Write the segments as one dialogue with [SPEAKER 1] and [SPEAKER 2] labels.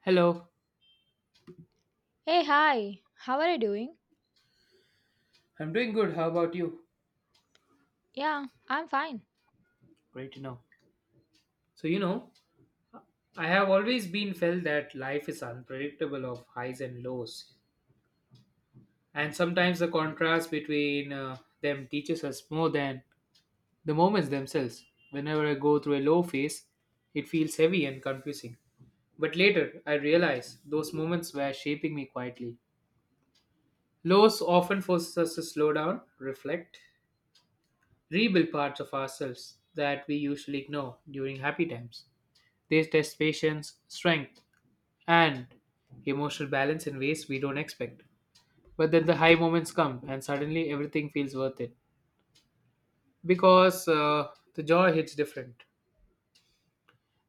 [SPEAKER 1] Hello,
[SPEAKER 2] Hey, hi. How are you doing?
[SPEAKER 1] I'm doing good. How about you?
[SPEAKER 2] Yeah, I'm fine.
[SPEAKER 1] Great to know. So, you know, I have always been felt that life is unpredictable of highs and lows. And sometimes the contrast between them teaches us more than the moments themselves. Whenever I go through a low phase, it feels heavy and confusing. But later, I realize those moments were shaping me quietly. Lows often forces us to slow down, reflect, rebuild parts of ourselves that we usually ignore during happy times. They test patience, strength, and emotional balance in ways we don't expect. But then the high moments come, and suddenly everything feels worth it because the joy hits different.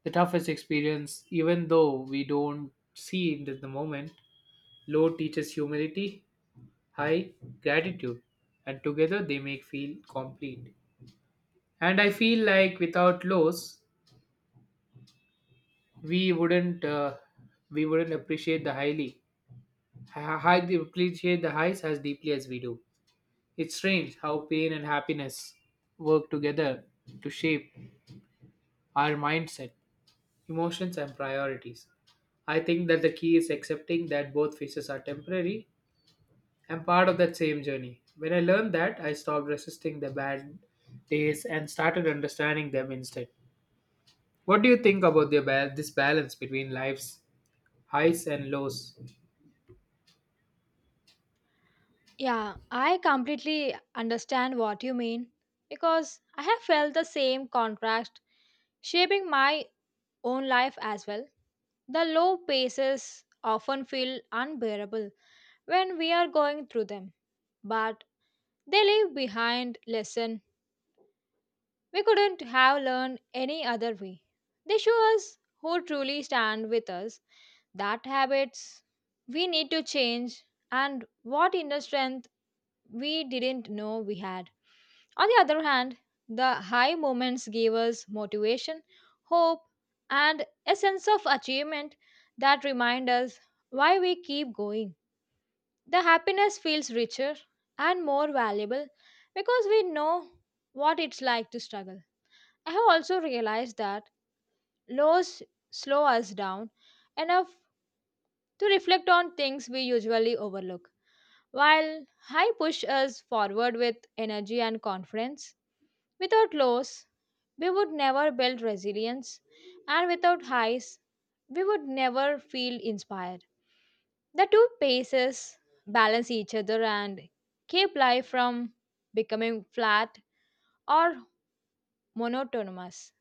[SPEAKER 1] The toughest experience, even though we don't see it in the moment, low teaches humility, high gratitude, and together they make feel complete. And I feel like without lows, we wouldn't uh, we wouldn't appreciate the highly ha- hike the appreciate the highs as deeply as we do. It's strange how pain and happiness work together to shape our mindset, emotions, and priorities. I think that the key is accepting that both phases are temporary and part of that same journey. When I learned that, I stopped resisting the bad days and started understanding them instead. What do you think about this balance between life's highs and lows?
[SPEAKER 2] Yeah, I completely understand what you mean because I have felt the same contrast shaping my own life as well. The low paces often feel unbearable when we are going through them, but they leave behind lesson. We couldn't have learned any other way. They show us who truly stand with us, that habits we need to change, and what inner strength we didn't know we had. On the other hand, the high moments gave us motivation, hope, and a sense of achievement that remind us why we keep going. The happiness feels richer and more valuable because we know what it's like to struggle. I have also realized that laws slow us down enough to reflect on things we usually overlook, while high push us forward with energy and confidence. Without lows, we would never build resilience, and without highs, we would never feel inspired. The two paces balance each other and keep life from becoming flat or monotonous.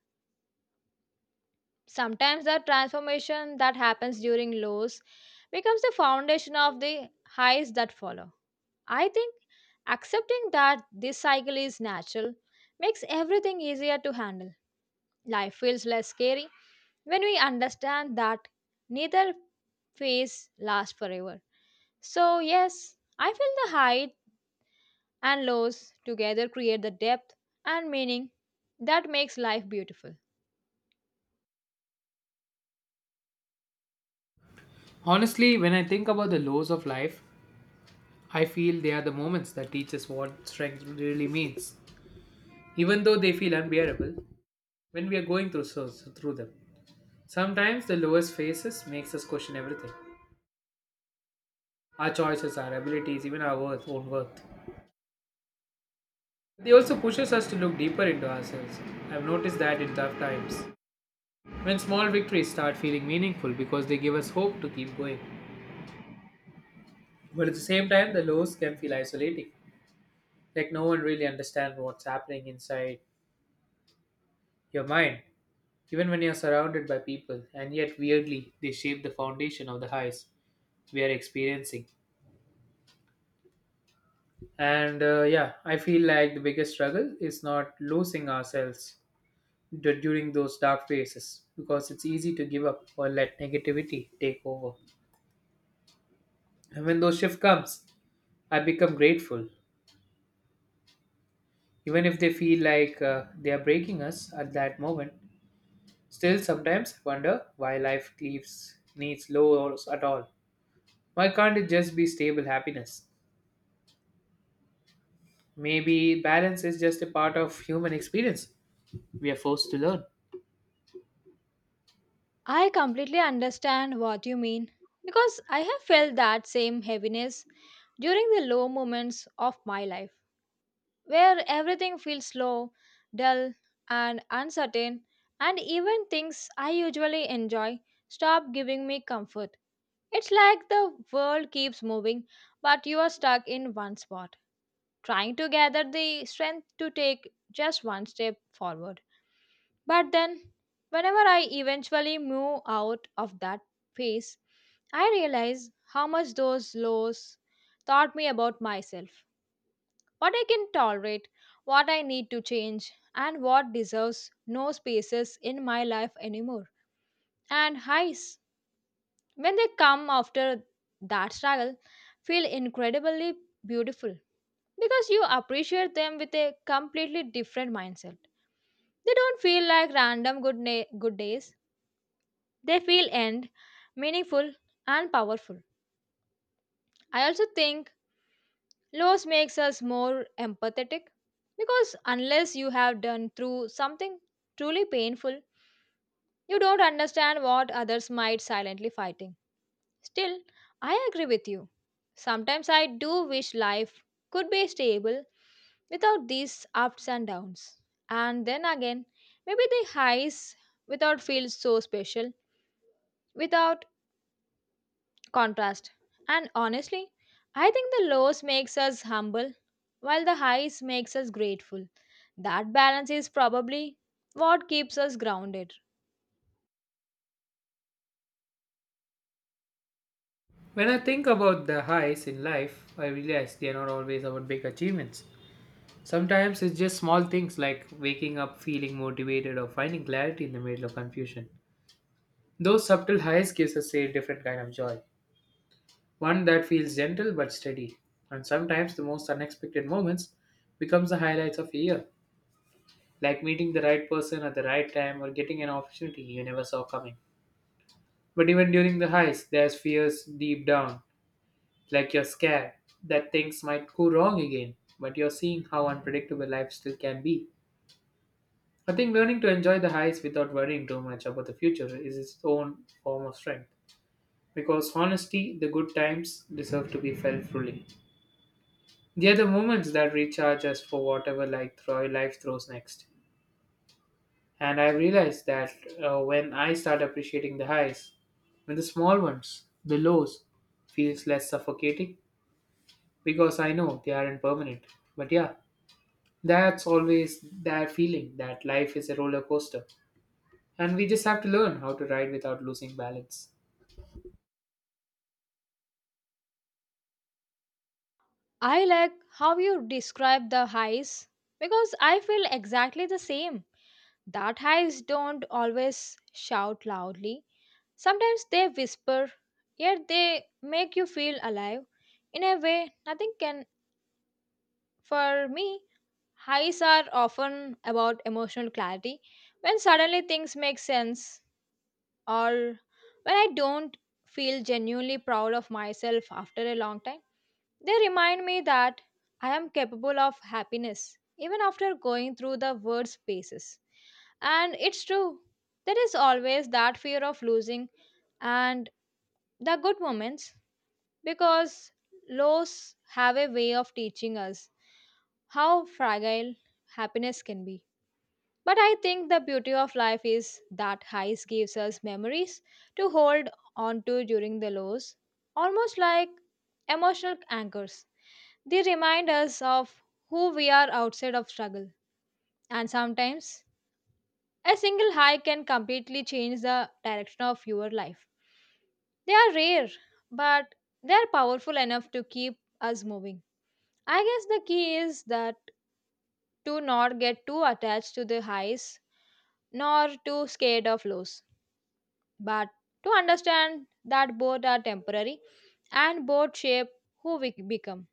[SPEAKER 2] Sometimes the transformation that happens during lows becomes the foundation of the highs that follow. I think accepting that this cycle is natural makes everything easier to handle. Life feels less scary when we understand that neither phase lasts forever. So, yes, I feel the height and lows together create the depth and meaning that makes life beautiful.
[SPEAKER 1] Honestly, when I think about the lows of life, I feel they are the moments that teach us what strength really means, even though they feel unbearable when we are going through, so through them. Sometimes the lowest phases makes us question everything our choices, our abilities, even own worth. They also pushes us to look deeper into ourselves. I've noticed that in tough times. When small victories start feeling meaningful because they give us hope to keep going. But at the same time, the lows can feel isolating. Like no one really understands what's happening inside your mind. Even when you're surrounded by people, and yet weirdly, they shape the foundation of the highs we are experiencing. And yeah, I feel like the biggest struggle is not losing ourselves during those dark phases because it's easy to give up or let negativity take over. And when those shifts comes, I become grateful, even if they feel like they are breaking us at that moment. Still, sometimes I wonder why life leaves needs lows at all. Why can't it just be stable happiness? Maybe balance is just a part of human experience. We are forced to learn.
[SPEAKER 2] I completely understand what you mean because I have felt that same heaviness during the low moments of my life where everything feels slow, dull, and uncertain, and even things I usually enjoy stop giving me comfort. It's like the world keeps moving, but you are stuck in one spot, trying to gather the strength to take just one step forward. But then, whenever I eventually move out of that phase, I realize how much those lows taught me about myself, what I can tolerate, what I need to change, and what deserves no spaces in my life anymore. And highs, when they come after that struggle, feel incredibly beautiful because you appreciate them with a completely different mindset. They don't feel like random good days. They feel end, meaningful, and powerful. I also think loss makes us more empathetic because unless you have done through something truly painful, you don't understand what others might silently fighting. Still, I agree with you. Sometimes I do wish life could be stable without these ups and downs. And then again, maybe the highs without feel so special without contrast. And honestly, I think the lows makes us humble while the highs makes us grateful. That balance is probably what keeps us grounded.
[SPEAKER 1] When I think about the highs in life, I realize they are not always about big achievements. Sometimes it's just small things like waking up feeling motivated or finding clarity in the middle of confusion. Those subtle highs gives us a different kind of joy, one that feels gentle but steady. And sometimes the most unexpected moments becomes the highlights of a year, like meeting the right person at the right time or getting an opportunity you never saw coming. But even during the highs, there's fears deep down, like you're scared that things might go wrong again. But you're seeing how unpredictable life still can be. I think learning to enjoy the highs without worrying too much about the future is its own form of strength. Because honestly, the good times deserve to be felt fully. They are the moments that recharge us for whatever life throws next. And I realized that when I start appreciating the highs, when the small ones, the lows, feels less suffocating because I know they aren't permanent. But yeah, that's always that feeling that life is a roller coaster and we just have to learn how to ride without losing balance.
[SPEAKER 2] I like how you describe the highs because I feel exactly the same. That highs don't always shout loudly. Sometimes they whisper, yet they make you feel alive in a way nothing can for me. Highs are often about emotional clarity when suddenly things make sense or when I don't feel genuinely proud of myself after a long time. They remind me that I am capable of happiness even after going through the worst phases. And it's true, there is always that fear of losing and the good moments because lows have a way of teaching us how fragile happiness can be. But I think the beauty of life is that highs gives us memories to hold on to during the lows, almost like emotional anchors. They remind us of who we are outside of struggle. And sometimes a single high can completely change the direction of your life. They are rare, but they are powerful enough to keep us moving. I guess the key is that to not get too attached to the highs nor too scared of lows but to understand that both are temporary and both shape who we become.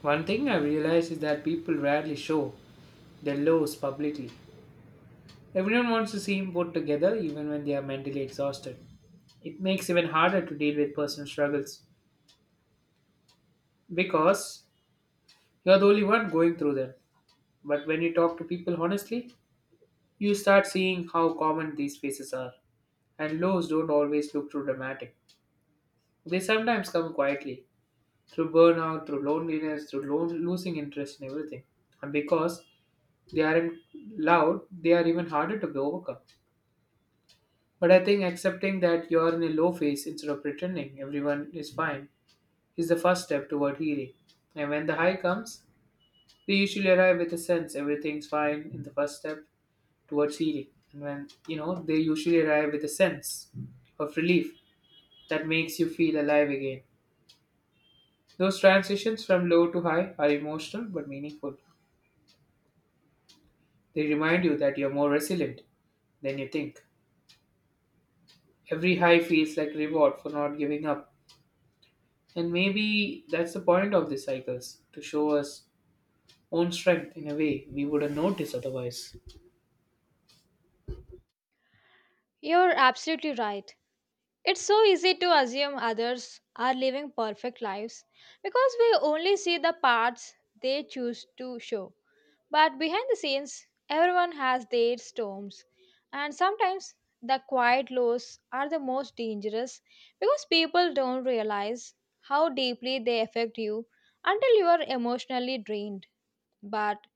[SPEAKER 1] One thing I realize is that people rarely show their lows publicly. Everyone wants to seem put together even when they are mentally exhausted. It makes it even harder to deal with personal struggles because you're the only one going through them. But when you talk to people honestly, you start seeing how common these faces are, and lows don't always look too dramatic. They sometimes come quietly through burnout, through loneliness, through losing interest in everything. And because they aren't loud, they are even harder to be overcome. But I think accepting that you're in a low phase instead of pretending everyone is fine is the first step toward healing. And when the high comes, we usually arrive with a sense everything's fine in the first step towards healing. And when, you know, they usually arrive with a sense of relief that makes you feel alive again. Those transitions from low to high are emotional but meaningful. They remind you that you're more resilient than you think. Every high feels like reward for not giving up. And maybe that's the point of these cycles to show us own strength in a way we wouldn't notice otherwise.
[SPEAKER 2] You're absolutely right. It's so easy to assume others are living perfect lives because we only see the parts they choose to show. But behind the scenes, everyone has their storms, and sometimes the quiet lows are the most dangerous because people don't realize how deeply they affect you until you are emotionally drained. But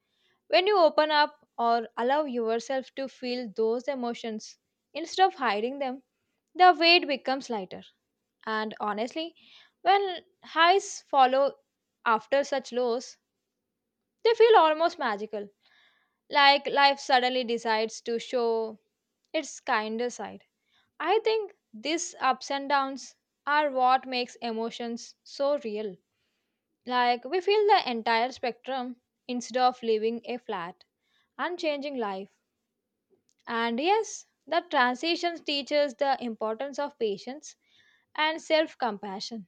[SPEAKER 2] when you open up or allow yourself to feel those emotions instead of hiding them, the weight becomes lighter. And honestly, when highs follow after such lows, they feel almost magical, like life suddenly decides to show its kinder side. I think these ups and downs are what makes emotions so real. Like we feel the entire spectrum instead of living a flat, unchanging life. And yes, the transitions teaches the importance of patience and self-compassion.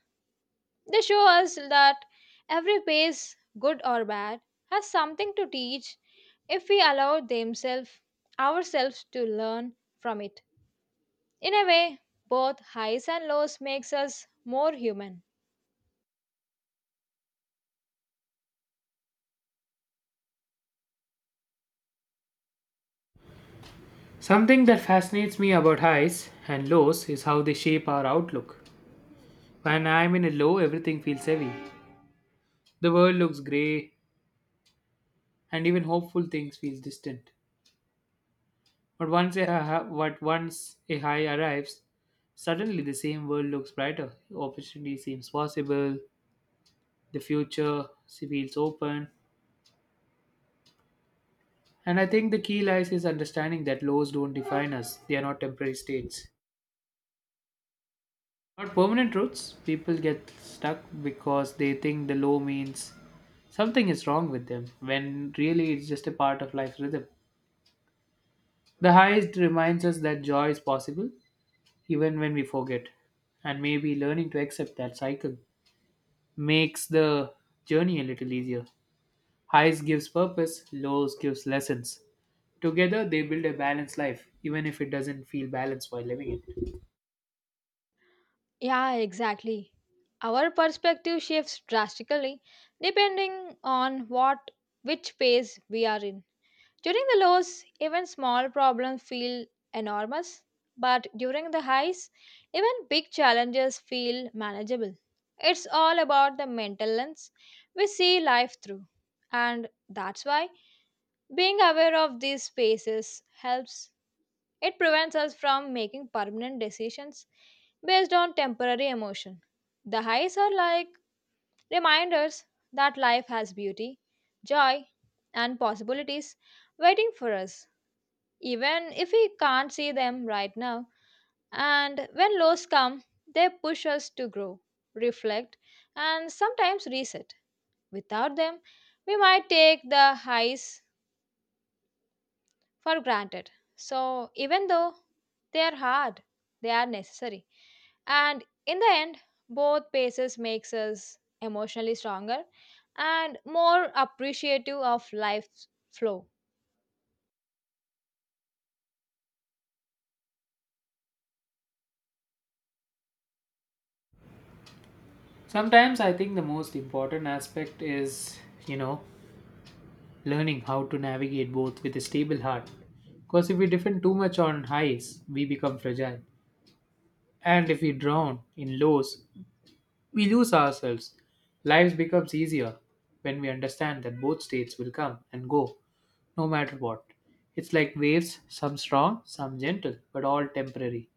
[SPEAKER 2] They show us that every phase, good or bad, has something to teach if we allow themselves ourselves to learn from it. In a way, both highs and lows makes us more human.
[SPEAKER 1] Something that fascinates me about highs and lows is how they shape our outlook. When I'm in a low, everything feels heavy. The world looks grey, and even hopeful things feel distant. But but once a high arrives, suddenly the same world looks brighter. Opportunity seems possible. The future feels open. And I think the key lies is understanding that lows don't define us. They are not temporary states. Not permanent truths. People get stuck because they think the low means something is wrong with them, when really it's just a part of life's rhythm. The highest reminds us that joy is possible, even when we forget, and maybe learning to accept that cycle makes the journey a little easier. Highs gives purpose, lows gives lessons. Together they build a balanced life, even if it doesn't feel balanced while living it.
[SPEAKER 2] Yeah, exactly. Our perspective shifts drastically depending on what which phase we are in. During the lows, even small problems feel enormous, but during the highs, even big challenges feel manageable. It's all about the mental lens we see life through, and that's why being aware of these spaces helps. It prevents us from making permanent decisions based on temporary emotion. The highs are like reminders that life has beauty, joy, and possibilities waiting for us even if we can't see them right now. And when lows come, they push us to grow, reflect, and sometimes reset. Without them, we might take the highs for granted. So, even though they are hard, they are necessary. And in the end, both paces makes us emotionally stronger and more appreciative of life's flow.
[SPEAKER 1] Sometimes I think the most important aspect is, you know, learning how to navigate both with a stable heart. Because if we depend too much on highs, we become fragile. And if we drown in lows, we lose ourselves. Life becomes easier when we understand that both states will come and go, no matter what. It's like waves, some strong, some gentle, but all temporary.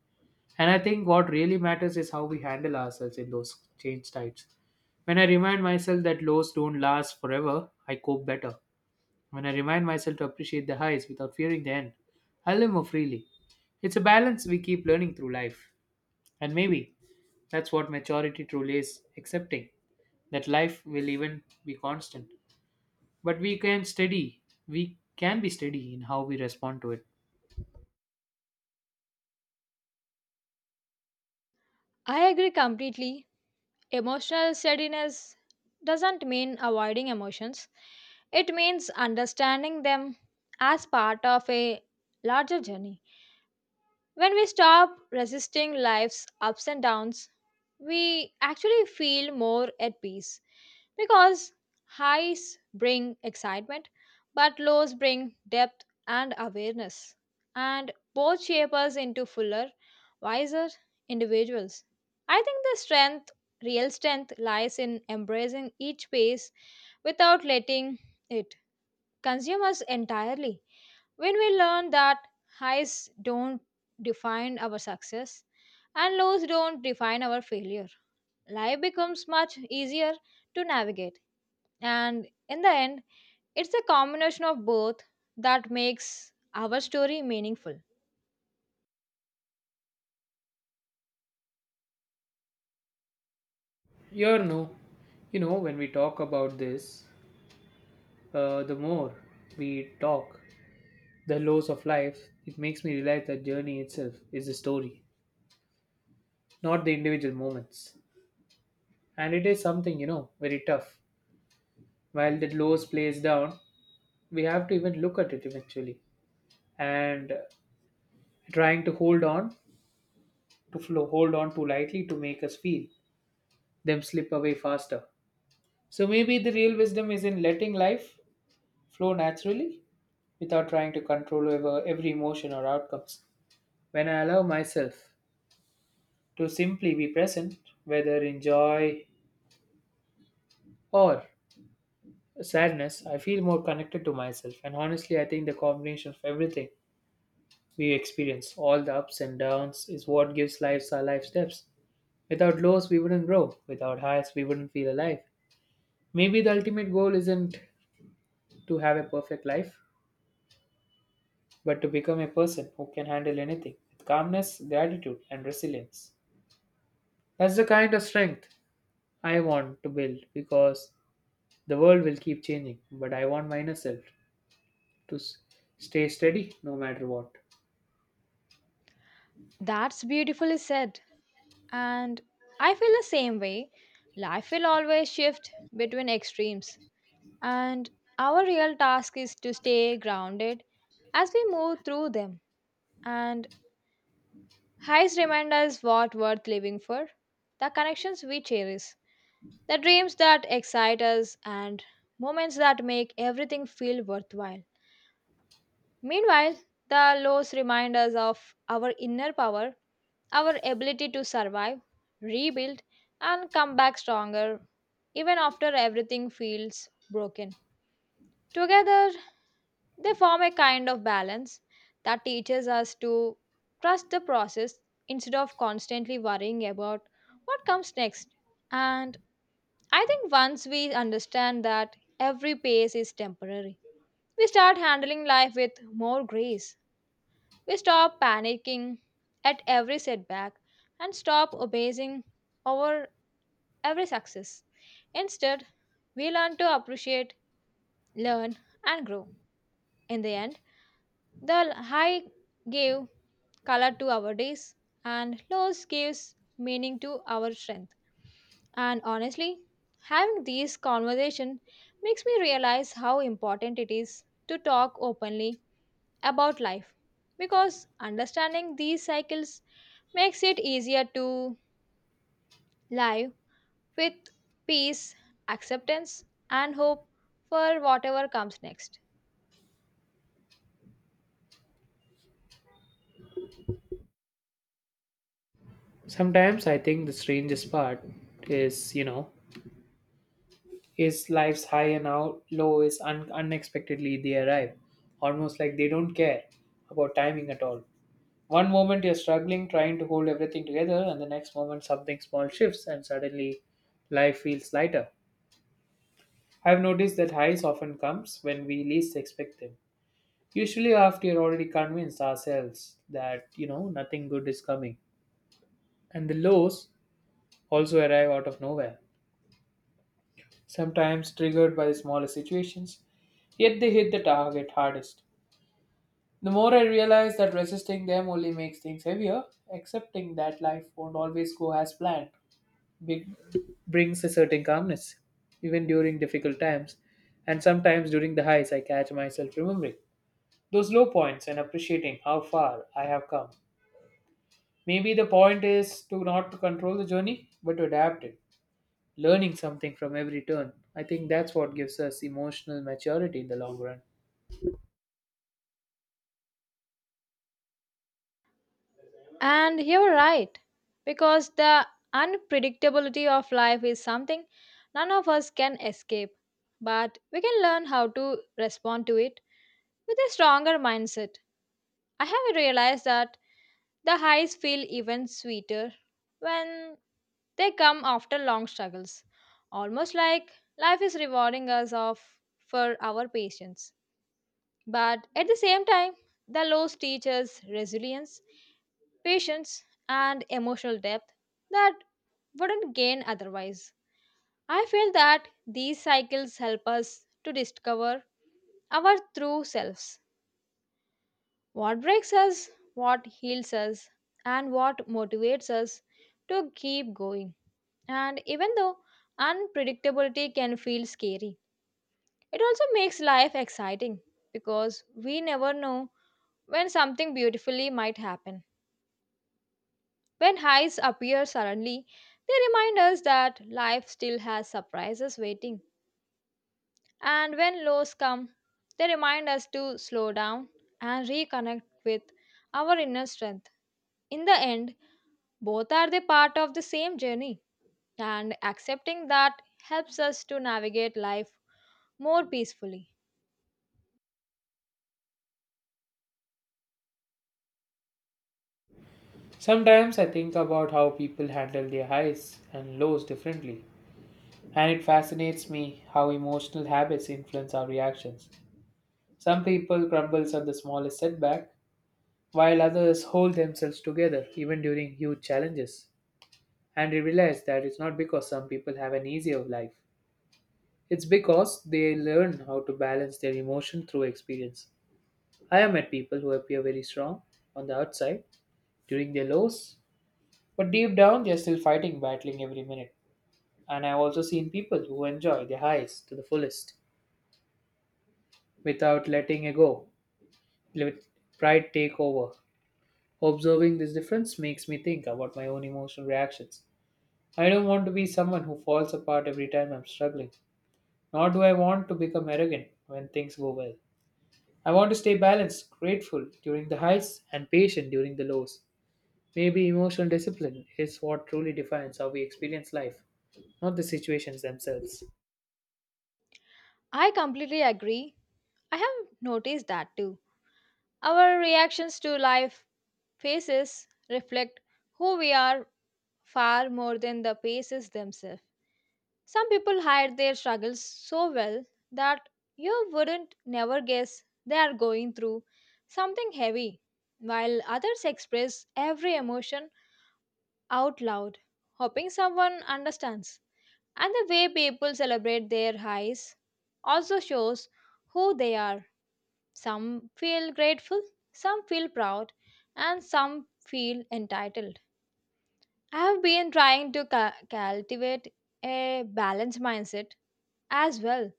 [SPEAKER 1] And I think what really matters is how we handle ourselves in those change times. When I remind myself that lows don't last forever, I cope better. When I remind myself to appreciate the highs without fearing the end, I live more freely. It's a balance we keep learning through life. And maybe that's what maturity truly is accepting that life will even be constant. But we can be steady in how we respond to it.
[SPEAKER 2] I agree completely. Emotional steadiness doesn't mean avoiding emotions, it means understanding them as part of a larger journey. When we stop resisting life's ups and downs, we actually feel more at peace because highs bring excitement, but lows bring depth and awareness, and both shape us into fuller, wiser individuals. I think the strength, real strength, lies in embracing each phase without letting it consume us entirely. When we learn that highs don't define our success and lows don't define our failure, life becomes much easier to navigate. And in the end, it's a combination of both that makes our story meaningful.
[SPEAKER 1] You're no, you know, when we talk about this, the more we talk, the lows of life, it makes me realize that journey itself is a story, not the individual moments. And it is something, you know, very tough. While the lows plays down, we have to even look at it eventually. And trying to hold on too lightly to make us feel them slip away faster. So maybe the real wisdom is in letting life flow naturally without trying to control over every emotion or outcomes. When I allow myself to simply be present, whether in joy or sadness, I feel more connected to myself. And honestly, I think the combination of everything we experience, all the ups and downs, is what gives lives our life steps. Without lows, we wouldn't grow. Without highs, we wouldn't feel alive. Maybe the ultimate goal isn't to have a perfect life, but to become a person who can handle anything with calmness, gratitude, and resilience. That's the kind of strength I want to build because the world will keep changing, but I want myself to stay steady no matter what.
[SPEAKER 2] That's beautifully said. And I feel the same way. Life will always shift between extremes. And our real task is to stay grounded as we move through them. And highs remind us what worth living for, the connections we cherish, the dreams that excite us, and moments that make everything feel worthwhile. Meanwhile, the lows remind us of our inner power, our ability to survive, rebuild, and come back stronger even after everything feels broken. Together, they form a kind of balance that teaches us to trust the process instead of constantly worrying about what comes next. And I think once we understand that every pace is temporary, we start handling life with more grace. We stop panicking at every setback and stop obsessing over every success. Instead, we learn to appreciate, learn, and grow. In the end, the high give color to our days, and loss gives meaning to our strength. And honestly, having these conversation makes me realize how important it is to talk openly about life because understanding these cycles makes it easier to live with peace, acceptance, and hope for whatever comes next.
[SPEAKER 1] Sometimes I think the strangest part is, you know, is life's high and out low is unexpectedly they arrive, almost like they don't care about timing at all. One moment you're struggling, trying to hold everything together, and the next moment something small shifts, and suddenly life feels lighter. I've noticed that highs often comes when we least expect them. Usually after you're already convinced ourselves that, you know, nothing good is coming. And the lows also arrive out of nowhere, sometimes triggered by the smallest situations, yet they hit the target hardest. The more I realize that resisting them only makes things heavier, accepting that life won't always go as planned be- brings a certain calmness, even during difficult times. And sometimes during the highs, I catch myself remembering those low points and appreciating how far I have come. Maybe the point is to not to control the journey, but to adapt it, learning something from every turn. I think that's what gives us emotional maturity in the long run.
[SPEAKER 2] And you're right, because the unpredictability of life is something none of us can escape, but we can learn how to respond to it with a stronger mindset. I have realized that the highs feel even sweeter when they come after long struggles, almost like life is rewarding us of for our patience. But at the same time, the loss teaches resilience, patience, and emotional depth that wouldn't gain otherwise. I feel that these cycles help us to discover our true selves what breaks us, what heals us, and what motivates us to keep going. And even though unpredictability can feel scary, it also makes life exciting because we never know when something beautifully might happen. When highs appear suddenly, they remind us that life still has surprises waiting. And when lows come, they remind us to slow down and reconnect with our inner strength. In the end, both are the part of the same journey, and accepting that helps us to navigate life more peacefully.
[SPEAKER 1] Sometimes I think about how people handle their highs and lows differently, and it fascinates me how emotional habits influence our reactions. Some people crumble on the smallest setback, while others hold themselves together even during huge challenges. And you realize that it's not because some people have an easier life, it's because they learn how to balance their emotion through experience. I have met people who appear very strong on the outside during their lows, but deep down they are still fighting, battling every minute. And I've also seen people who enjoy their highs to the fullest without let pride take over. Observing this difference makes me think about my own emotional reactions. I don't want to be someone who falls apart every time I'm struggling, nor do I want to become arrogant when things go well. I want to stay balanced, grateful during the highs, and patient during the lows. Maybe emotional discipline is what truly defines how we experience life, not the situations themselves.
[SPEAKER 2] I completely agree. I have noticed that too. Our reactions to life faces reflect who we are far more than the faces themselves. Some people hide their struggles so well that you wouldn't never guess they are going through something heavy, while others express every emotion out loud, hoping someone understands. And the way people celebrate their highs also shows who they are. Some feel grateful, some feel proud, and some feel entitled. I've been trying to cultivate a balanced mindset as well,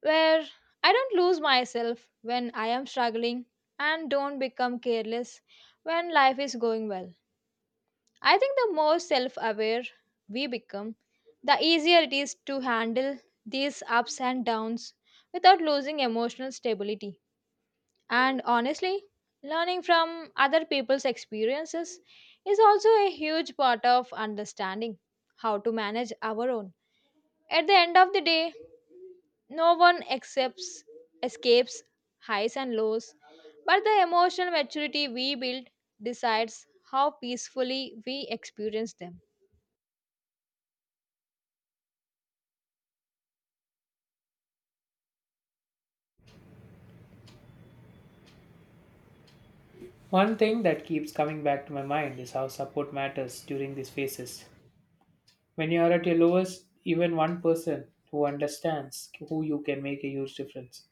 [SPEAKER 2] where I don't lose myself when I am struggling and don't become careless when life is going well. I think the more self aware we become, the easier it is to handle these ups and downs without losing emotional stability. And honestly, learning from other people's experiences is also a huge part of understanding how to manage our own. At the end of the day, no one accepts, escapes highs and lows, but the emotional maturity we build decides how peacefully we experience them.
[SPEAKER 1] One thing that keeps coming back to my mind is how support matters during these phases. When you are at your lowest, even one person who understands who you can make a huge difference.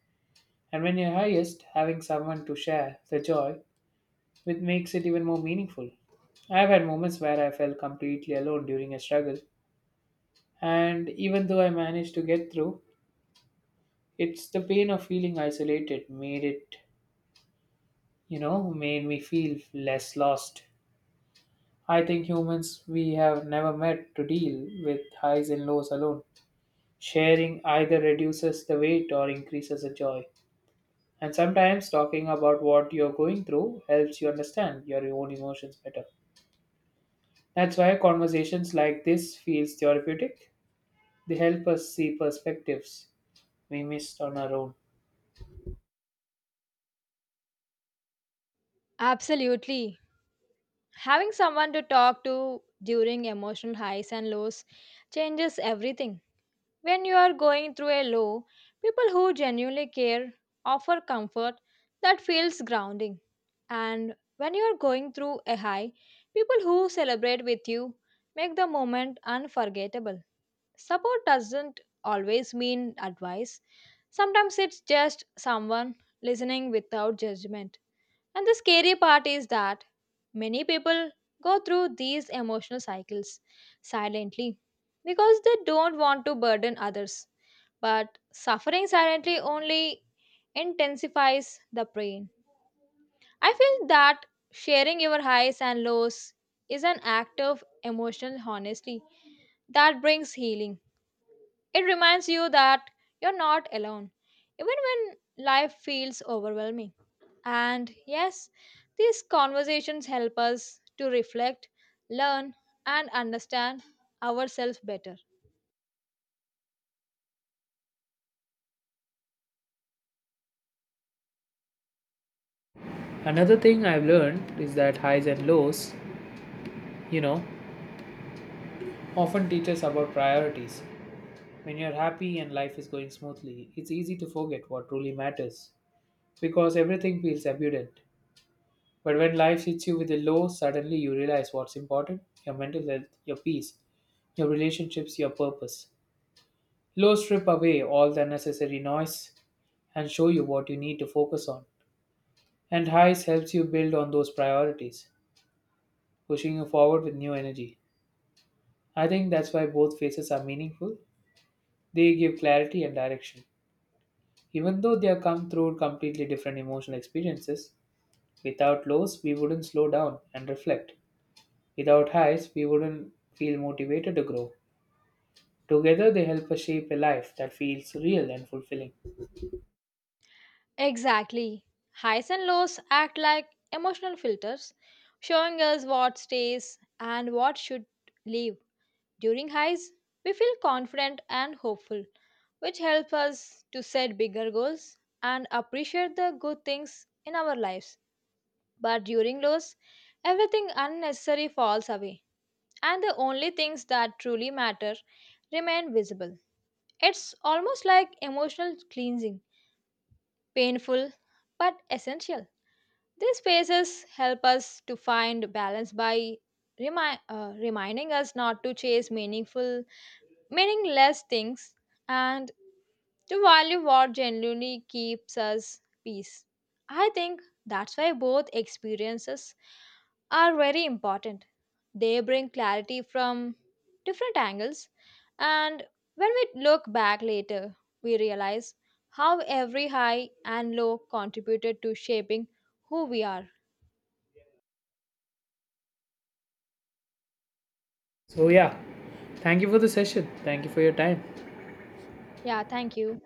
[SPEAKER 1] And when you're highest, having someone to share the joy with makes it even more meaningful. I've had moments where I felt completely alone during a struggle, and even though I managed to get through, it's the pain of feeling isolated made it, you know, made me feel less lost. I think humans we have never met to deal with highs and lows alone. Sharing either reduces the weight or increases the joy. And sometimes talking about what you're going through helps you understand your own emotions better. That's why conversations like this feels therapeutic. They help us see perspectives we missed on our own.
[SPEAKER 2] Absolutely. Having someone to talk to during emotional highs and lows changes everything. When you are going through a low, people who genuinely care offer comfort that feels grounding. And when you are going through a high, people who celebrate with you make the moment unforgettable. Support doesn't always mean advice, sometimes it's just someone listening without judgment. And the scary part is that many people go through these emotional cycles silently because they don't want to burden others. But suffering silently only intensifies the pain. I feel that sharing your highs and lows is an act of emotional honesty that brings healing. It reminds you that you're not alone, even when life feels overwhelming. And yes, these conversations help us to reflect, learn, and understand ourselves better.
[SPEAKER 1] Another thing I've learned is that highs and lows, you know, often teach us about priorities. When you're happy and life is going smoothly, it's easy to forget what truly matters because everything feels abundant. But when life hits you with a low, suddenly you realize what's important your mental health, your peace, your relationships, your purpose. Low strip away all the unnecessary noise and show you what you need to focus on. And highs helps you build on those priorities, pushing you forward with new energy. I think that's why both phases are meaningful. They give clarity and direction. Even though they are come through completely different emotional experiences, without lows, we wouldn't slow down and reflect. Without highs, we wouldn't feel motivated to grow. Together, they help us shape a life that feels real and fulfilling.
[SPEAKER 2] Exactly. Highs and lows act like emotional filters, showing us what stays and what should leave. During highs, we feel confident and hopeful, which help us to set bigger goals and appreciate the good things in our lives. But during lows, everything unnecessary falls away and the only things that truly matter remain visible. It's almost like emotional cleansing, painful but essential. These spaces help us to find balance by reminding us not to chase meaningful, meaningless things and to value what genuinely keeps us peace. I think that's why both experiences are very important. They bring clarity from different angles, and when we look back later, we realize how every high and low contributed to shaping who we are.
[SPEAKER 1] So, yeah, thank you for the session. Thank you for your time.
[SPEAKER 2] Yeah, thank you.